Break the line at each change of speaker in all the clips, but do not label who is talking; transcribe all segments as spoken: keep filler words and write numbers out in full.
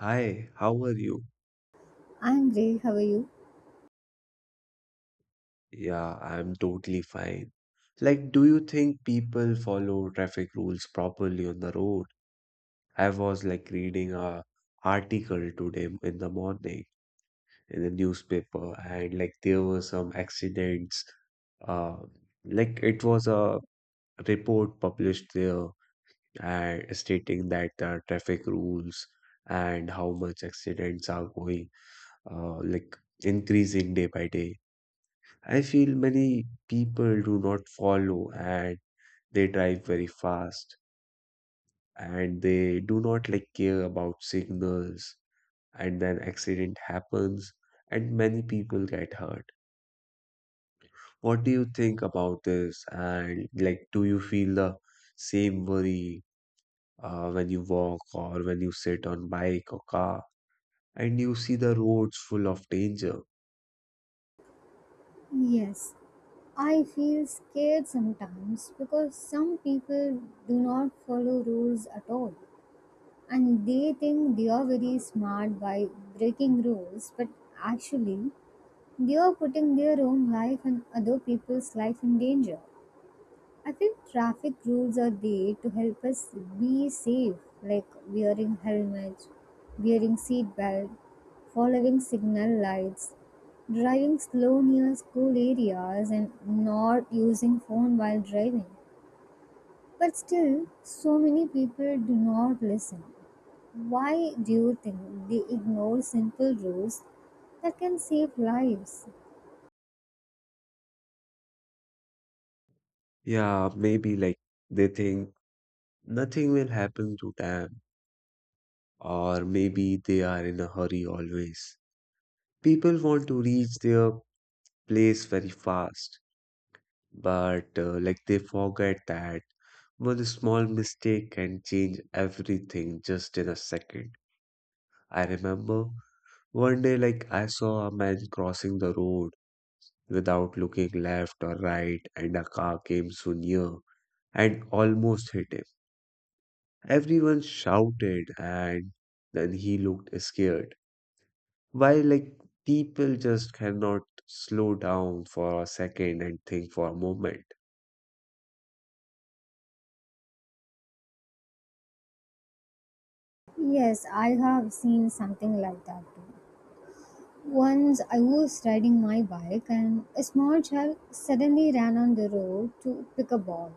Hi, how are you?
I'm great. How are you?
Yeah, I'm totally fine. Like, do you think people follow traffic rules properly on the road? I was like reading a article today in the morning in the newspaper, and like there were some accidents. Uh, like it was a report published there and stating that the traffic rules and how much accidents are going, uh, like increasing day by day. I feel many people do not follow and they drive very fast and they do not like care about signals and then accident happens and many people get hurt. What do you think about this? And like, do you feel the same worry uh, when you walk or when you sit on bike or car and you see the roads full of danger?
Yes, I feel scared sometimes because some people do not follow rules at all and they think they are very smart by breaking rules, but actually, they are putting their own life and other people's life in danger. I think traffic rules are there to help us be safe, like wearing helmets, wearing seatbelt, following signal lights, driving slow near school areas, and not using phone while driving. But still, so many people do not listen. Why do you think they ignore simple rules that can save lives?
Yeah, maybe like they think nothing will happen to them, or maybe they are in a hurry always. People want to reach their place very fast, but uh, like they forget that one small mistake can change everything just in a second. I remember one day, like I saw a man crossing the road without looking left or right, and a car came so near and almost hit him. Everyone shouted, and then he looked scared. Why, like, people just cannot slow down for a second and think for a moment.
Yes, I have seen something like that too. Once I was riding my bike and a small child suddenly ran on the road to pick a ball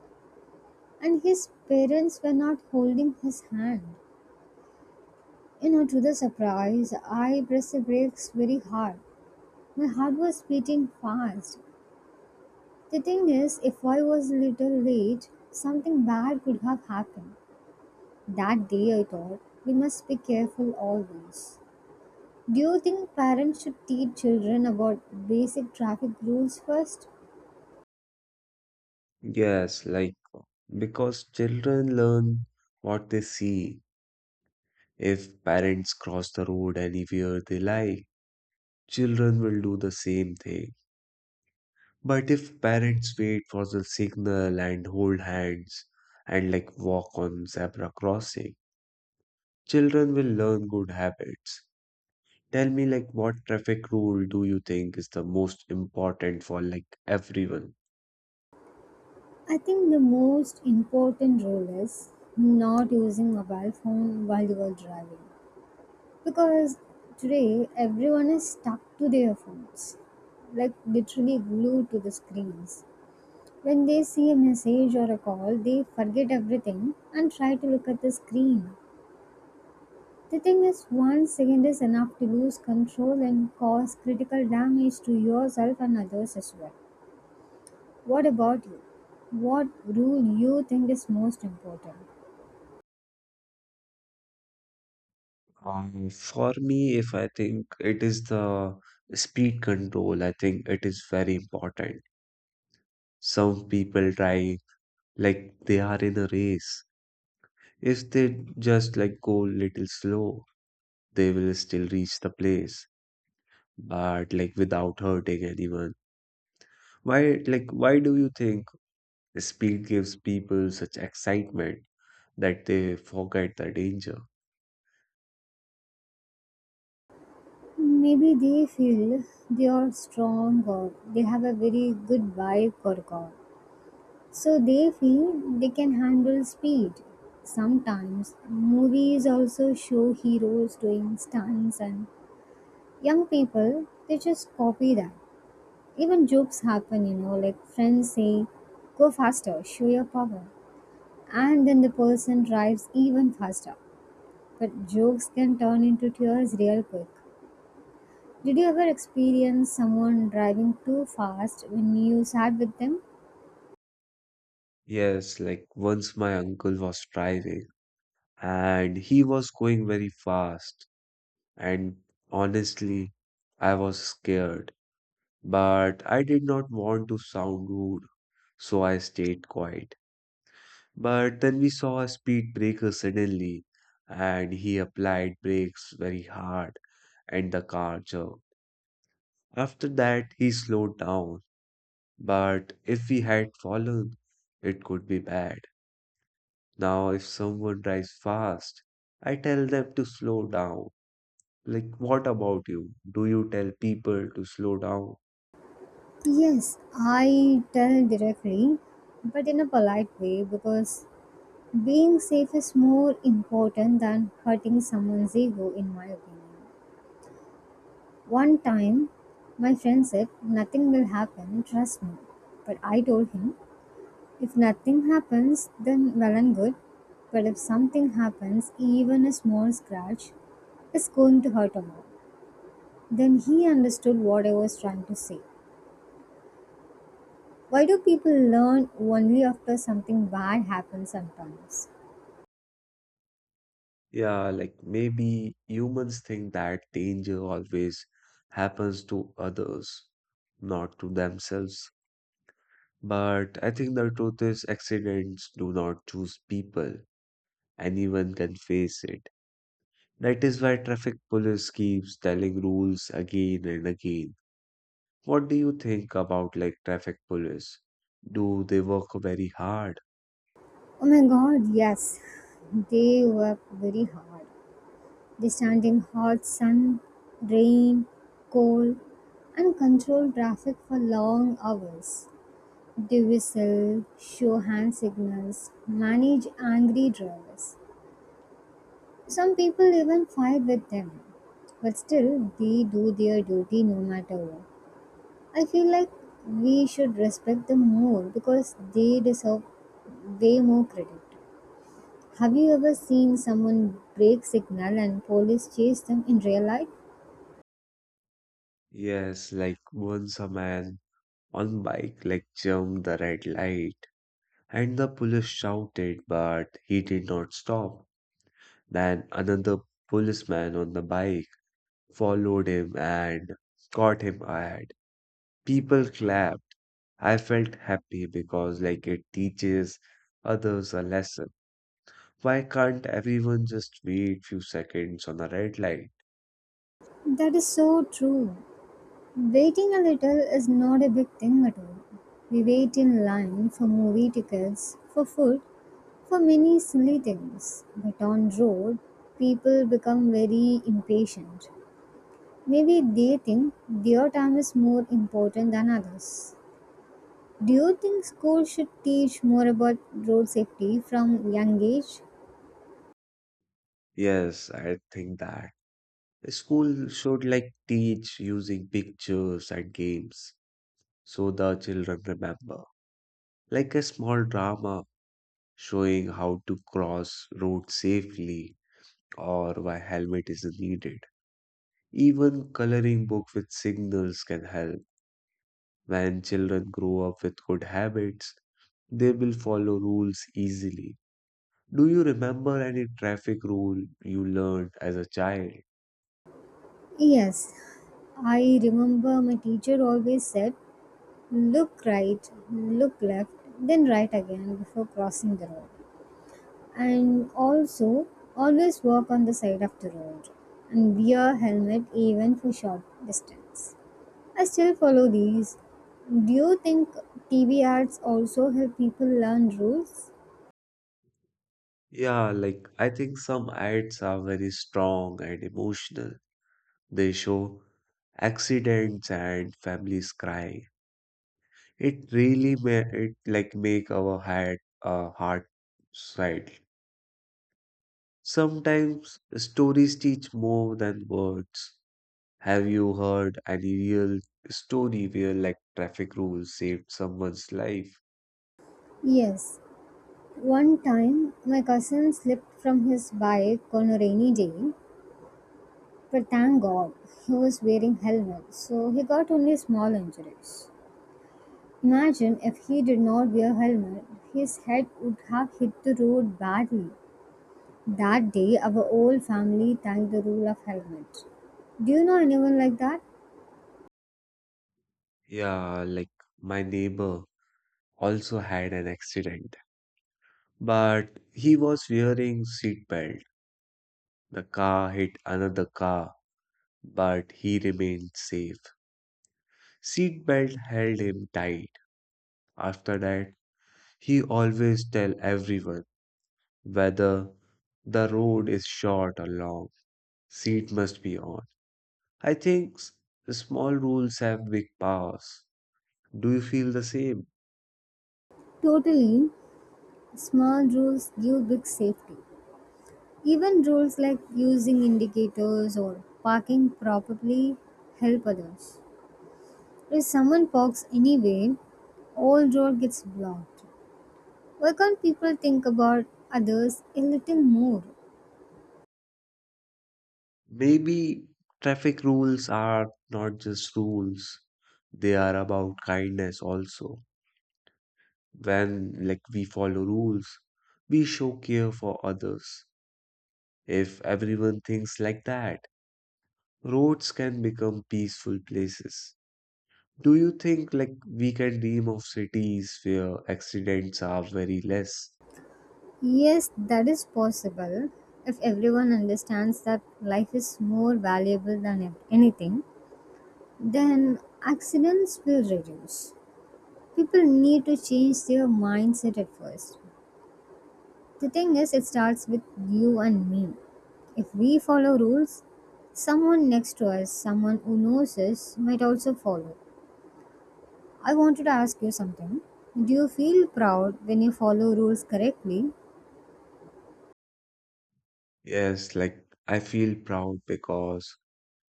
and his parents were not holding his hand. You know, to the surprise, I pressed the brakes very hard. My heart was beating fast. The thing is, if I was a little late, something bad could have happened. That day I thought, we must be careful always. Do you think parents should teach children about basic traffic rules first?
Yes, like, because children learn what they see. If parents cross the road anywhere they like, children will do the same thing. But if parents wait for the signal and hold hands and like walk on zebra crossing, children will learn good habits. Tell me, like, what traffic rule do you think is the most important for like everyone?
I think the most important rule is not using mobile phone while you are driving, because today everyone is stuck to their phones, like literally glued to the screens. When they see a message or a call, they forget everything and try to look at the screen. The thing is, one second is enough to lose control and cause critical damage to yourself and others as well. What about you? What rule you think is most important?
Um, for me, if I think, it is the speed control. I think it is very important. Some people try like they are in a race. If they just like go little slow, they will still reach the place, but like without hurting anyone. Why, like, why do you think speed gives people such excitement that they forget the danger?
Maybe they feel they are strong or they have a very good vibe for God, so they feel they can handle speed. Sometimes movies also show heroes doing stunts and young people they just copy that. Even jokes happen, you know, like friends say, go faster, show your power. And then the person drives even faster. But jokes can turn into tears real quick. Did you ever experience someone driving too fast when you sat with them?
Yes, like once my uncle was driving and he was going very fast. And honestly, I was scared, but I did not want to sound rude, so I stayed quiet. But then we saw a speed breaker suddenly, and he applied brakes very hard, and the car jerked. After that, he slowed down, but if we had fallen, it could be bad. Now, if someone drives fast, I tell them to slow down. Like, what about you? Do you tell people to slow down?
Yes, I tell directly, but in a polite way because being safe is more important than hurting someone's ego, in my opinion. One time, my friend said, nothing will happen, trust me. But I told him, if nothing happens, then well and good. But if something happens, even a small scratch, is going to hurt a lot. Then he understood what I was trying to say. Why do people learn only after something bad happens sometimes?
Yeah, like maybe humans think that danger always happens to others, not to themselves. But I think the truth is accidents do not choose people. Anyone can face it. That is why traffic police keeps telling rules again and again. What do you think about like traffic police? Do they work very hard?
Oh my god, yes. They work very hard. They stand in hot sun, rain, cold, and control traffic for long hours. They whistle, show hand signals, manage angry drivers. Some people even fight with them. But still, they do their duty no matter what. I feel like we should respect them more because they deserve way more credit. Have you ever seen someone break signal and police chase them in real life?
Yes, like once a man on bike like jumped the red light and the police shouted, but he did not stop. Then another policeman on the bike followed him and caught him ahead. People clapped. I felt happy because like it teaches others a lesson. Why can't everyone just wait few seconds on a red light?
That is so true. Waiting a little is not a big thing at all. We wait in line for movie tickets, for food, for many silly things. But on road, people become very impatient. Maybe they think their time is more important than others. Do you think schools should teach more about road safety from young age?
Yes, I think that school should like teach using pictures and games so the children remember. Like a small drama showing how to cross road safely or why helmet is needed. Even coloring book with signals can help. When children grow up with good habits, they will follow rules easily. Do you remember any traffic rule you learned as a child?
Yes. I remember my teacher always said, look right, look left, then right again before crossing the road. And also, always walk on the side of the road and wear helmet even for short distance. I still follow these. Do you think T V ads also help people learn rules?
Yeah, like I think some ads are very strong and emotional. They show accidents and families crying. It really may it like make our heart uh, heart swell. Sometimes stories teach more than words. Have you heard any real story where like traffic rules saved someone's life?
Yes. One time, my cousin slipped from his bike on a rainy day, but thank God he was wearing helmet, so he got only small injuries. Imagine if he did not wear helmet, his head would have hit the road badly. That day, our whole family thanked the rule of helmet. Do you know anyone like that?
Yeah, like my neighbor also had an accident but he was wearing seatbelt. The car hit another car, but he remained safe. Seatbelt held him tight. After that, he always tell everyone whether the road is short or long. Seat must be on. I think s- small rules have big powers. Do you feel the same?
Totally, small rules give big safety. Even rules like using indicators or parking properly help others. If someone parks anyway, all road gets blocked. Why can't people think about others a little more?
Maybe traffic rules are not just rules. They are about kindness also. When like we follow rules, we show care for others. If everyone thinks like that, roads can become peaceful places. Do you think like we can dream of cities where accidents are very less?
Yes, that is possible. If everyone understands that life is more valuable than ev- anything, then accidents will reduce. People need to change their mindset at first. The thing is, it starts with you and me. If we follow rules, someone next to us, someone who knows us, might also follow. I wanted to ask you something. Do you feel proud when you follow rules correctly?
Yes, like I feel proud because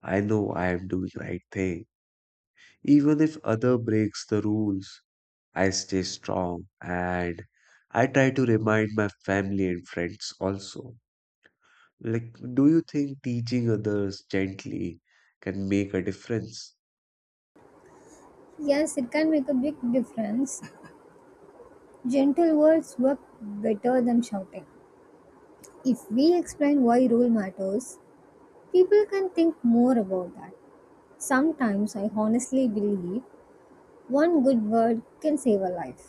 I know I am doing right thing. Even if other breaks the rules, I stay strong and I try to remind my family and friends also. Like, do you think teaching others gently can make a difference?
Yes, it can make a big difference. Gentle words work better than shouting. If we explain why rule matters, people can think more about that. Sometimes I honestly believe one good word can save a life.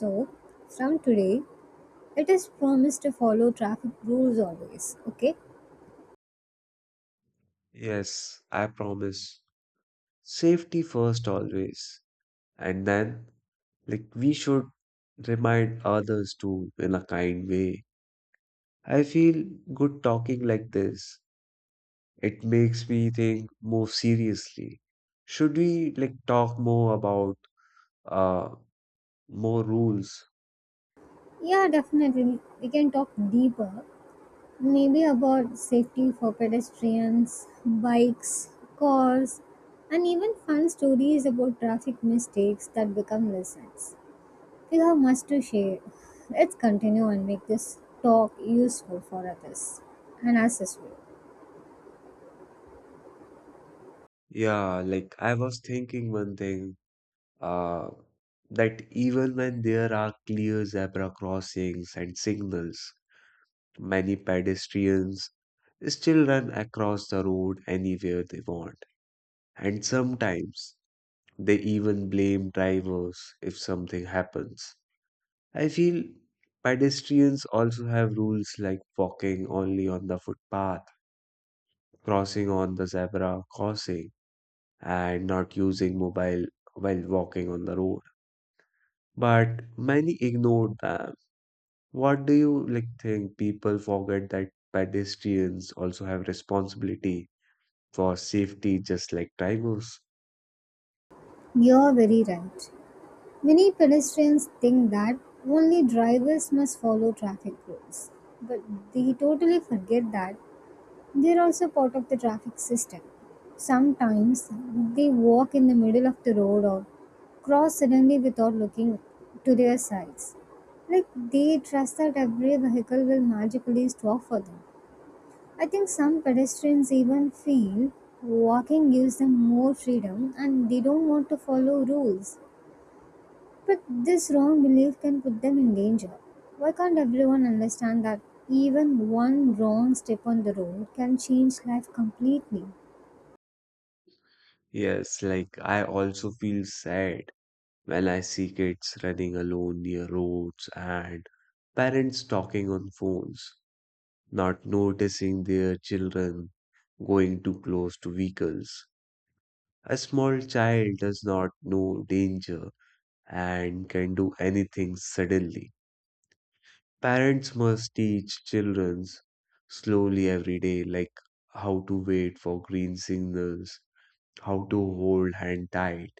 So, from today, it is promised to follow traffic rules always, okay?
Yes, I promise. Safety first always. And then, like, we should remind others too in a kind way. I feel good talking like this. It makes me think more seriously. Should we, like, talk more about uh more rules?
Yeah, definitely. We can talk deeper. Maybe about safety for pedestrians, bikes, cars, and even fun stories about traffic mistakes that become lessons. We have much to share. Let's continue and make this talk useful for others and us as well.
Yeah, like I was thinking one thing. uh, that even when there are clear zebra crossings and signals, many pedestrians still run across the road anywhere they want. And sometimes they even blame drivers if something happens. I feel pedestrians also have rules like walking only on the footpath, crossing on the zebra crossing, and not using mobile while walking on the road. But many ignore that. What do you like think people forget that pedestrians also have responsibility for safety just like drivers?
You're very right. Many pedestrians think that only drivers must follow traffic rules, but they totally forget that they are also part of the traffic system. Sometimes they walk in the middle of the road or cross suddenly without looking to their sides. Like they trust that every vehicle will magically stop for them. I think some pedestrians even feel walking gives them more freedom and they don't want to follow rules. But this wrong belief can put them in danger. Why can't everyone understand that even one wrong step on the road can change life completely?
Yes, like I also feel sad when I see kids running alone near roads and parents talking on phones, not noticing their children going too close to vehicles. A small child does not know danger and can do anything suddenly. Parents must teach childrens slowly every day, like how to wait for green signals, how to hold hand tight,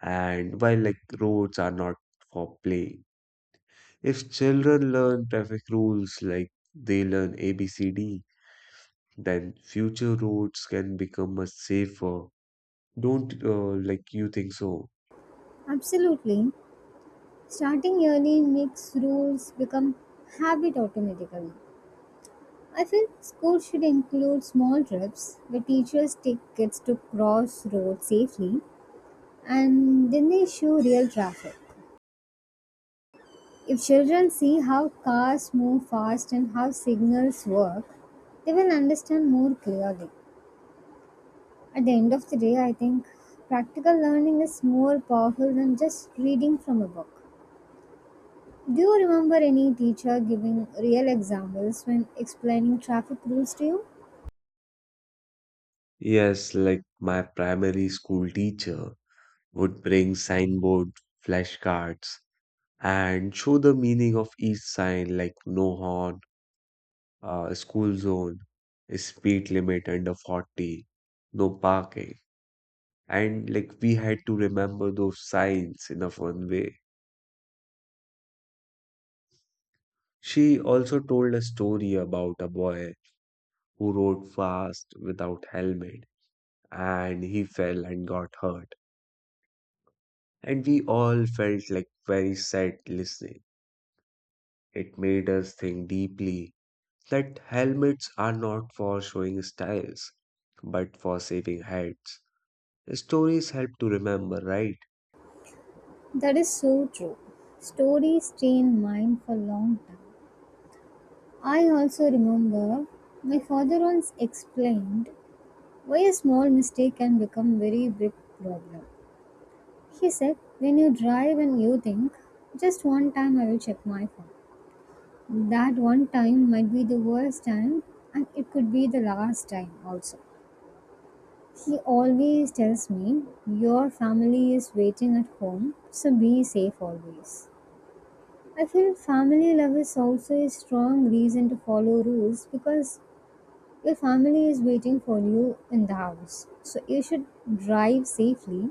and why like roads are not for play. If children learn traffic rules like they learn A B C D, then future roads can become much safer. Don't uh, like you think so?
Absolutely. Starting early makes rules become habit automatically. I feel school should include small trips where teachers take kids to cross roads safely and then they show real traffic. If children see how cars move fast and how signals work, they will understand more clearly. At the end of the day, I think practical learning is more powerful than just reading from a book. Do you remember any teacher giving real examples when explaining traffic rules to you?
Yes, like my primary school teacher would bring signboard flashcards and show the meaning of each sign like no horn, uh, school zone, speed limit under forty, no parking. And like we had to remember those signs in a fun way. She also told a story about a boy who rode fast without helmet and he fell and got hurt. And we all felt like very sad listening. It made us think deeply that helmets are not for showing styles, but for saving heads. Stories help to remember, right?
That is so true. Stories stay in mind for a long time. I also remember my father once explained why a small mistake can become very big problem. He said, when you drive and you think, just one time I will check my phone. That one time might be the worst time and it could be the last time also. He always tells me, your family is waiting at home, so be safe always. I feel family love is also a strong reason to follow rules because your family is waiting for you in the house. So you should drive safely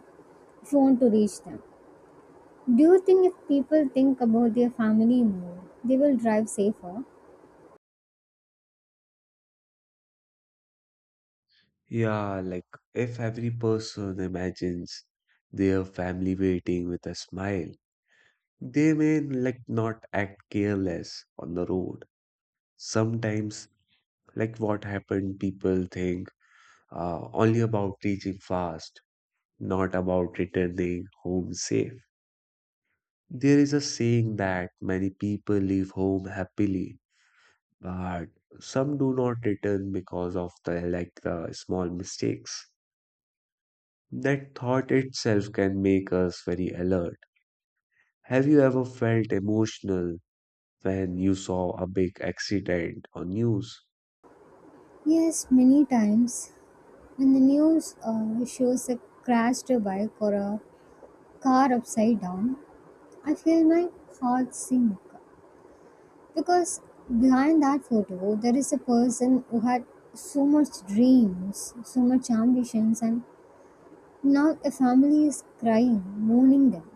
if you want to reach them. Do you think if people think about their family more, they will drive safer?
Yeah, like if every person imagines their family waiting with a smile, they may like not act careless on the road. Sometimes, like what happened, people think uh, only about reaching fast, not about returning home safe. There is a saying that many people leave home happily but some do not return because of the like the small mistakes. That thought itself can make us very alert. Have you ever felt emotional when you saw a big accident on news?
Yes, many times. When the news uh, shows a crashed bike or a car upside down, I feel my heart sink. Because behind that photo, there is a person who had so much dreams, so much ambitions, and now a family is crying, mourning them.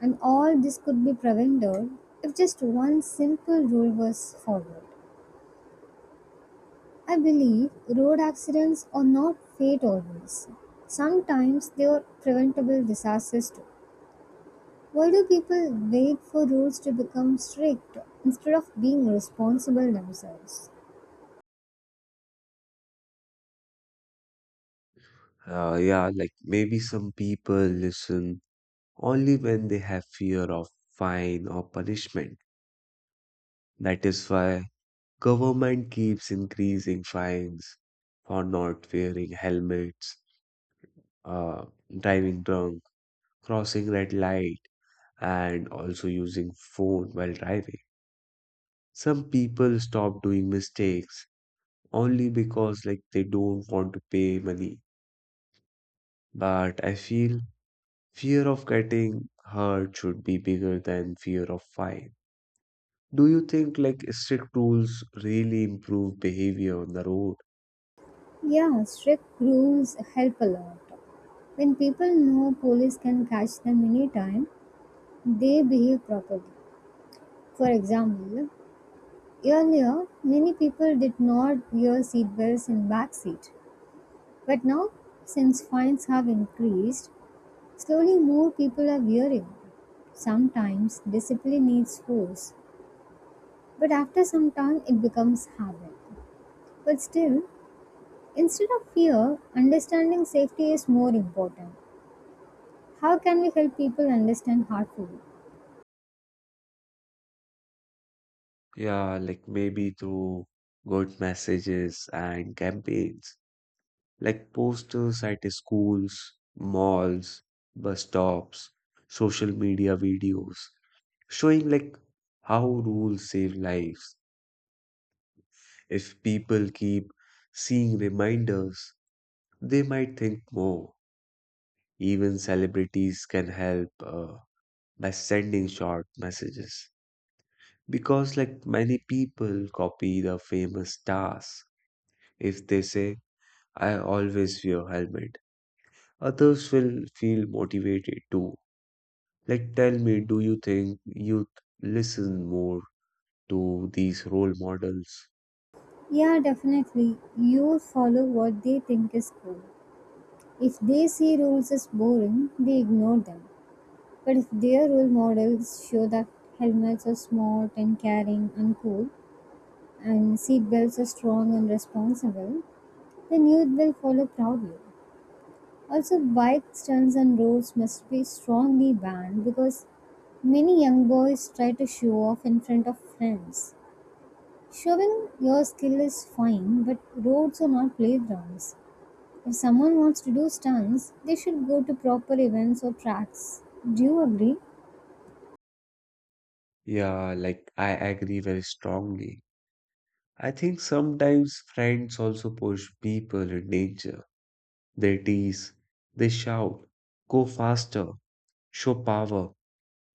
And all this could be prevented if just one simple rule was followed. I believe road accidents are not fate always. Sometimes they are preventable disasters too. Why do people wait for rules to become strict instead of being responsible themselves?
Uh, yeah, like maybe some people listen only when they have fear of fine or punishment. That is why government keeps increasing fines for not wearing helmets, uh, driving drunk, crossing red light, and also using phone while driving. Some people stop doing mistakes only because like they don't want to pay money. But I feel fear of getting hurt should be bigger than fear of fine. Do you think like strict rules really improve behavior on the road?
Yeah, strict rules help a lot. When people know police can catch them anytime, they behave properly. For example, earlier many people did not wear seatbelts in back seat, but now since fines have increased, slowly, more people are wearing. Sometimes discipline needs force, but after some time it becomes habit. But still, instead of fear, understanding safety is more important. How can we help people understand harmful?
Yeah, like maybe through good messages and campaigns. Like posters at schools, malls, bus stops, social media videos, showing like how rules save lives. If people keep seeing reminders, they might think more. Even celebrities can help uh, by sending short messages. Because, like many people copy the famous stars. If they say, I always wear helmet, others will feel motivated too. Like, tell me, do you think youth listen more to these role models?
Yeah, definitely. Youth follow what they think is cool. If they see rules as boring, they ignore them. But if their role models show that helmets are smart and caring and cool, and seatbelts are strong and responsible, then youth will follow proudly. Also, bike stunts on roads must be strongly banned because many young boys try to show off in front of friends. Showing your skill is fine, but roads are not playgrounds. If someone wants to do stunts, they should go to proper events or tracks. Do you agree?
Yeah, like, I agree very strongly. I think sometimes friends also push people in danger. They tease, they shout, go faster, show power,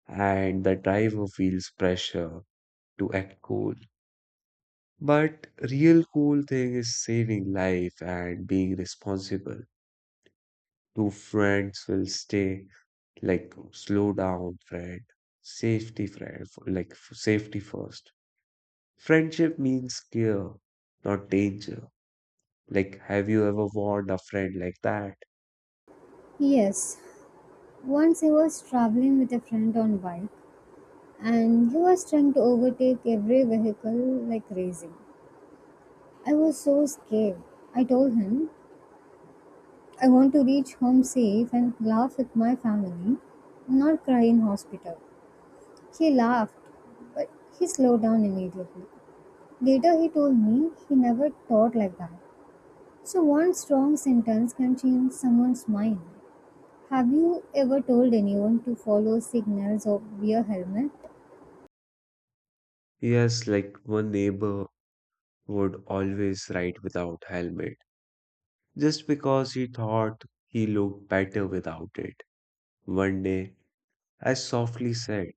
and the driver feels pressure to act cool. But real cool thing is saving life and being responsible. Two friends will stay Like, slow down, friend. Safety, friend. F- Like, f- safety first. Friendship means care, not danger. Like, have you ever warned a friend like that?
Yes. Once I was traveling with a friend on bike and he was trying to overtake every vehicle like crazy. I was so scared. I told him, I want to reach home safe and laugh with my family, not cry in hospital. He laughed, but he slowed down immediately. Later, he told me he never thought like that. So, one strong sentence can change someone's mind. Have you ever told anyone to follow signals or wear helmet?
Yes, like one neighbor would always ride without helmet, just because he thought he looked better without it. One day, I softly said,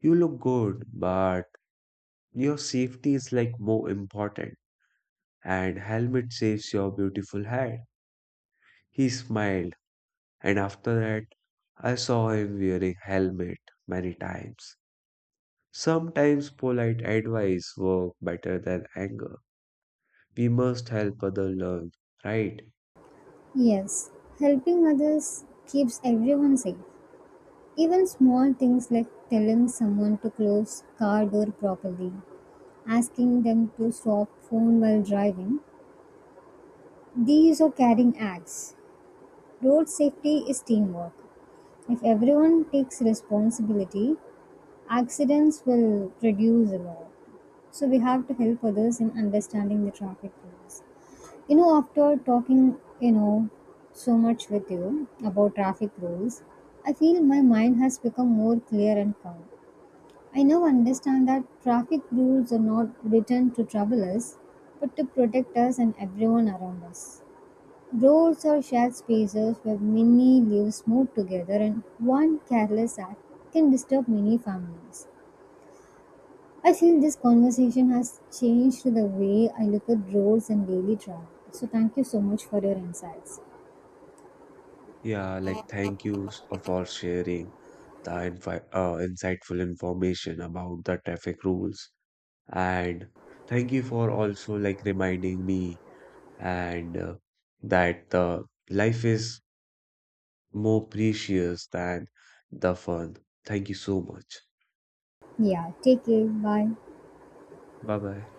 You look good, but your safety is like more important, and helmet saves your beautiful head. He smiled and after that I saw him wearing helmet many times. Sometimes polite advice work better than anger. We must help other learn, right?
Yes, helping others keeps everyone safe. Even small things like telling someone to close car door properly, asking them to stop phone while driving, these are caring acts. Road safety is teamwork. If everyone takes responsibility, accidents will reduce a lot. So we have to help others in understanding the traffic rules. You know, after talking, you know, so much with you about traffic rules, I feel my mind has become more clear and calm. I now understand that traffic rules are not written to trouble us, but to protect us and everyone around us. Roads are shared spaces where many lives move together, and one careless act can disturb many families. I feel this conversation has changed the way I look at roads and daily travel. So, thank you so much for your insights.
Yeah, like thank you s- uh, for sharing the infi- uh, insightful information about the traffic rules, and thank you for also like reminding me and uh, that the life is more precious than the fun. Thank you so much.
Yeah, take care. Bye.
Bye bye.